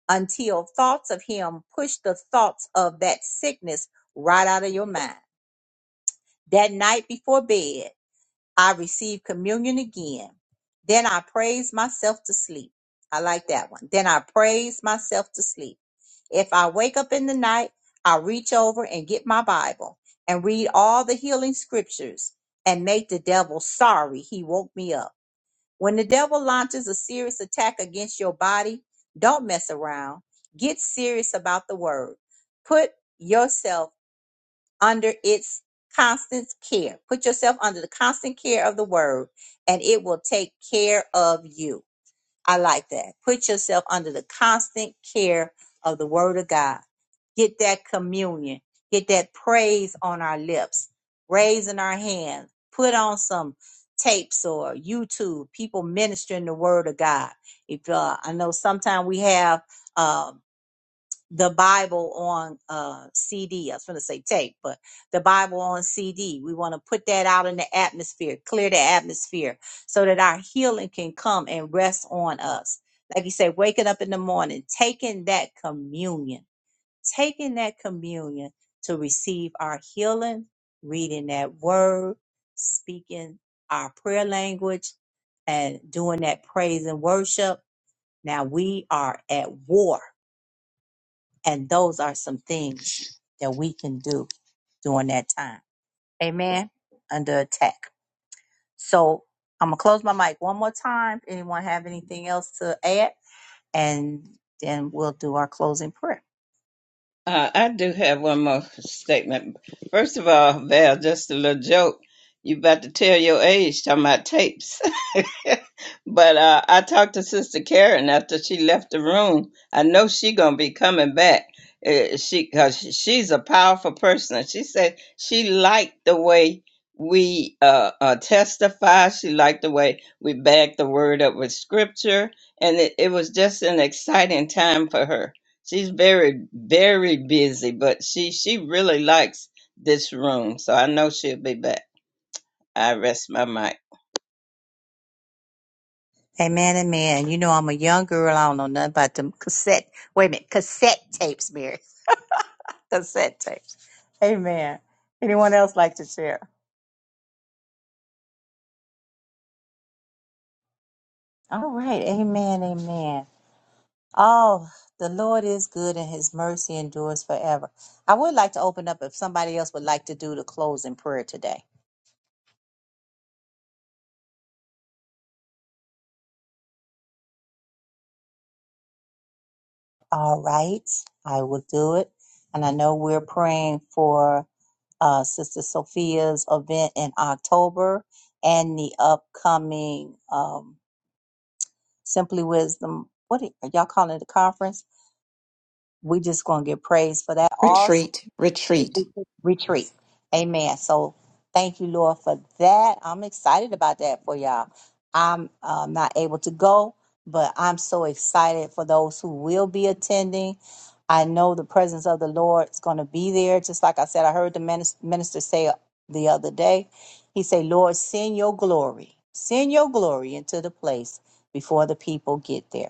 Speaker 1: until thoughts of him push the thoughts of that sickness right out of your mind. That night before bed, I received communion again. Then I praised myself to sleep. I like that one. Then I praised myself to sleep. If I wake up in the night, I reach over and get my Bible and read all the healing scriptures and make the devil sorry he woke me up. When the devil launches a serious attack against your body, don't mess around. Get serious about the word. Put yourself under its constant care. Put yourself under the constant care of the word, and it will take care of you. I like that. Put yourself under the constant care of the word of God. Get that communion, get that praise on our lips, raising our hands, put on some tapes or YouTube, people ministering the word of God. If uh, I know sometimes we have um, the Bible on uh, CD. I was going to say tape, but the Bible on CD. We want to put that out in the atmosphere, clear the atmosphere so that our healing can come and rest on us. Like you said, waking up in the morning, taking that communion, taking that communion to receive our healing, reading that word, speaking our prayer language, and doing that praise and worship. Now we are at war and those are some things that we can do during that time. Amen. Under attack. So I'm gonna close my mic one more time. Anyone have anything else to add? And then we'll do our closing prayer.
Speaker 3: Uh, I do have one more statement. First of all, Val, just a little joke. You about to tell your age talking about tapes. But uh, I talked to Sister Karen after she left the room. I know she gonna be coming back. Uh, she, cause she- she's a powerful person. And She said she liked the way we uh, uh testify. She liked the way we backed the word up with scripture, and it, it was just an exciting time for her. She's very very busy, but she she really likes this room. So I know she'll be back. I rest my mic.
Speaker 1: Amen, amen. You know I'm a young girl. I don't know nothing about them cassette. Wait a minute, cassette tapes, Mary. cassette tapes. Amen. Anyone else like to share? All right. Amen. Amen. Oh, the Lord is good and his mercy endures forever. I would like to open up if somebody else would like to do the closing prayer today. All right. I will do it. And I know we're praying for uh, Sister Sophia's event in October and the upcoming um, Simply Wisdom. What are y'all calling it? The conference? We just gonna give praise for that.
Speaker 2: Retreat, retreat.
Speaker 1: retreat. Amen. So thank you, Lord, for that. I'm excited about that for y'all. I'm um, not able to go, but I'm so excited for those who will be attending. I know the presence of the Lord is going to be there. Just like I said, I heard the minis- minister say the other day, he said, Lord, send your glory, send your glory into the place before the people get there.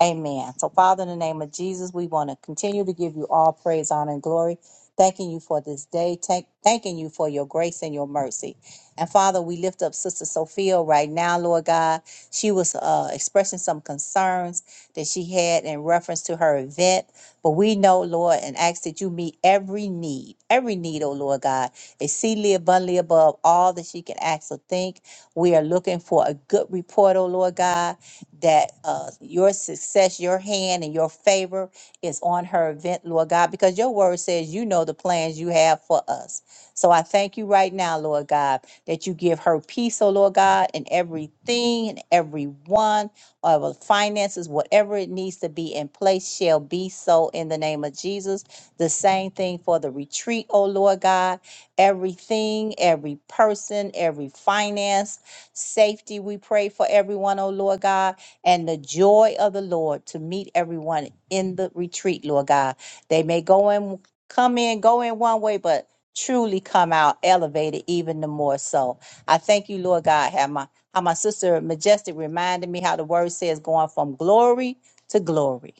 Speaker 1: Amen. So, Father, in the name of Jesus, we want to continue to give you all praise, honor, and glory thanking you for this day, thank, thanking you for your grace and your mercy. And Father, we lift up Sister Sophia right now, Lord God. She was uh, expressing some concerns that she had in reference to her event. But we know, Lord, and ask that you meet every need, every need, oh Lord God, exceedingly abundantly above all that she can ask or think. We are looking for a good report, oh Lord God, that uh, your success, your hand, and your favor is on her event, Lord God, because your word says you know the plans you have for us. So I thank you right now, Lord God, that you give her peace, oh Lord God, in everything and everyone, or the finances, whatever it needs to be in place shall be so in the name of Jesus. The same thing for the retreat, oh Lord God. Everything, every person, every finance, safety, we pray for everyone, oh Lord God and the joy of the Lord to meet everyone in the retreat, Lord God. They may go in, come in, go in one way, but truly come out elevated even the more so. I thank you, Lord God, how my how my sister Majestic reminded me how the word says going from glory to glory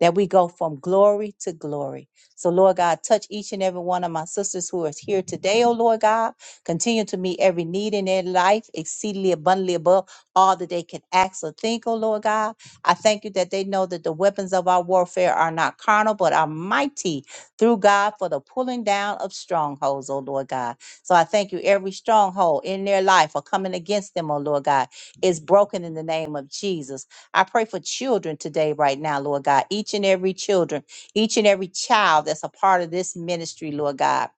Speaker 1: that we go from glory to glory. So, Lord God, touch each and every one of my sisters who is here today, oh Lord God. Continue to meet every need in their life, exceedingly abundantly above all that they can ask or think, oh Lord God. I thank you that they know that the weapons of our warfare are not carnal, but are mighty through God for the pulling down of strongholds, oh Lord God. So I thank you, every stronghold in their life or coming against them, oh Lord God, is broken in the name of Jesus. I pray for children today, right now, Lord God, each and every children, each and every child that's a part of this ministry, Lord God.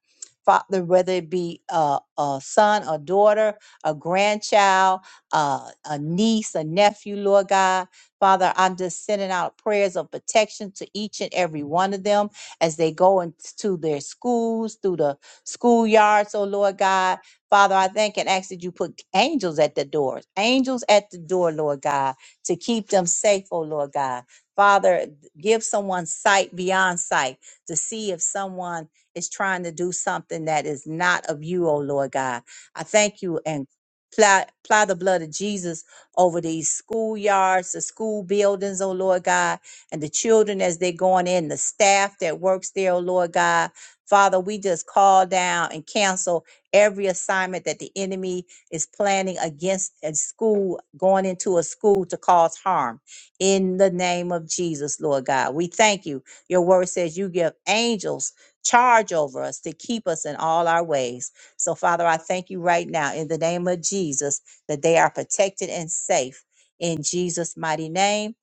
Speaker 1: Father, whether it be a, a son, a daughter, a grandchild, uh, a niece, a nephew, Lord God. Father, I'm just sending out prayers of protection to each and every one of them as they go into their schools, through the schoolyards, oh Lord God. Father, I thank and ask that you put angels at the doors, angels at the door, Lord God to keep them safe, oh Lord God. Father, give someone sight beyond sight to see if someone is trying to do something that is not of you, oh Lord God. I thank you and apply, apply the blood of Jesus over these schoolyards, the school buildings, oh Lord God, and the children as they're going in, the staff that works there, oh Lord God. Father, we just call down and cancel every assignment that the enemy is planning against a school, going into a school to cause harm. In the name of Jesus, Lord God, we thank you. Your word says you give angels charge over us to keep us in all our ways. So, Father, I thank you right now in the name of Jesus that they are protected and safe in Jesus' mighty name.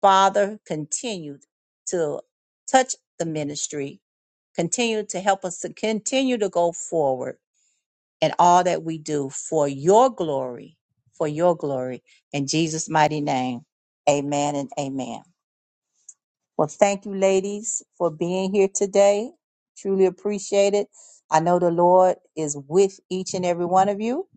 Speaker 1: Father, continue to touch the ministry, continue to help us to continue to go forward and all that we do for your glory, for your glory. In Jesus' mighty name, amen and amen. Well, thank you, ladies, for being here today. Truly appreciate it. I know the Lord is with each and every one of you,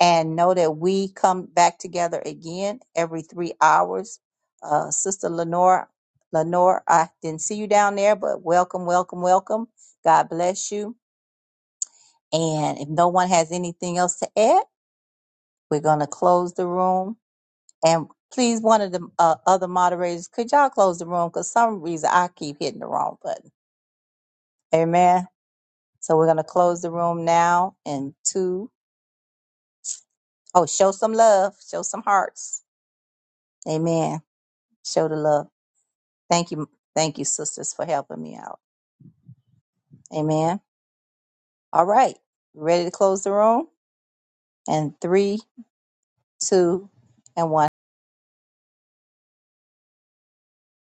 Speaker 1: and know that we come back together again every three hours. Uh, Sister Lenore, Lenore, I didn't see you down there, but welcome, welcome, welcome. God bless you. And if no one has anything else to add, We're going to close the room. And please, one of the uh, other moderators, could y'all close the room? Because some reason I keep hitting the wrong button. Amen. So we're going to close the room now in two. Oh, show some love. Show some hearts. Amen. Show the love. Thank you. Thank you, sisters, for helping me out. Amen. All right. Ready to close the room? And three, two, and one.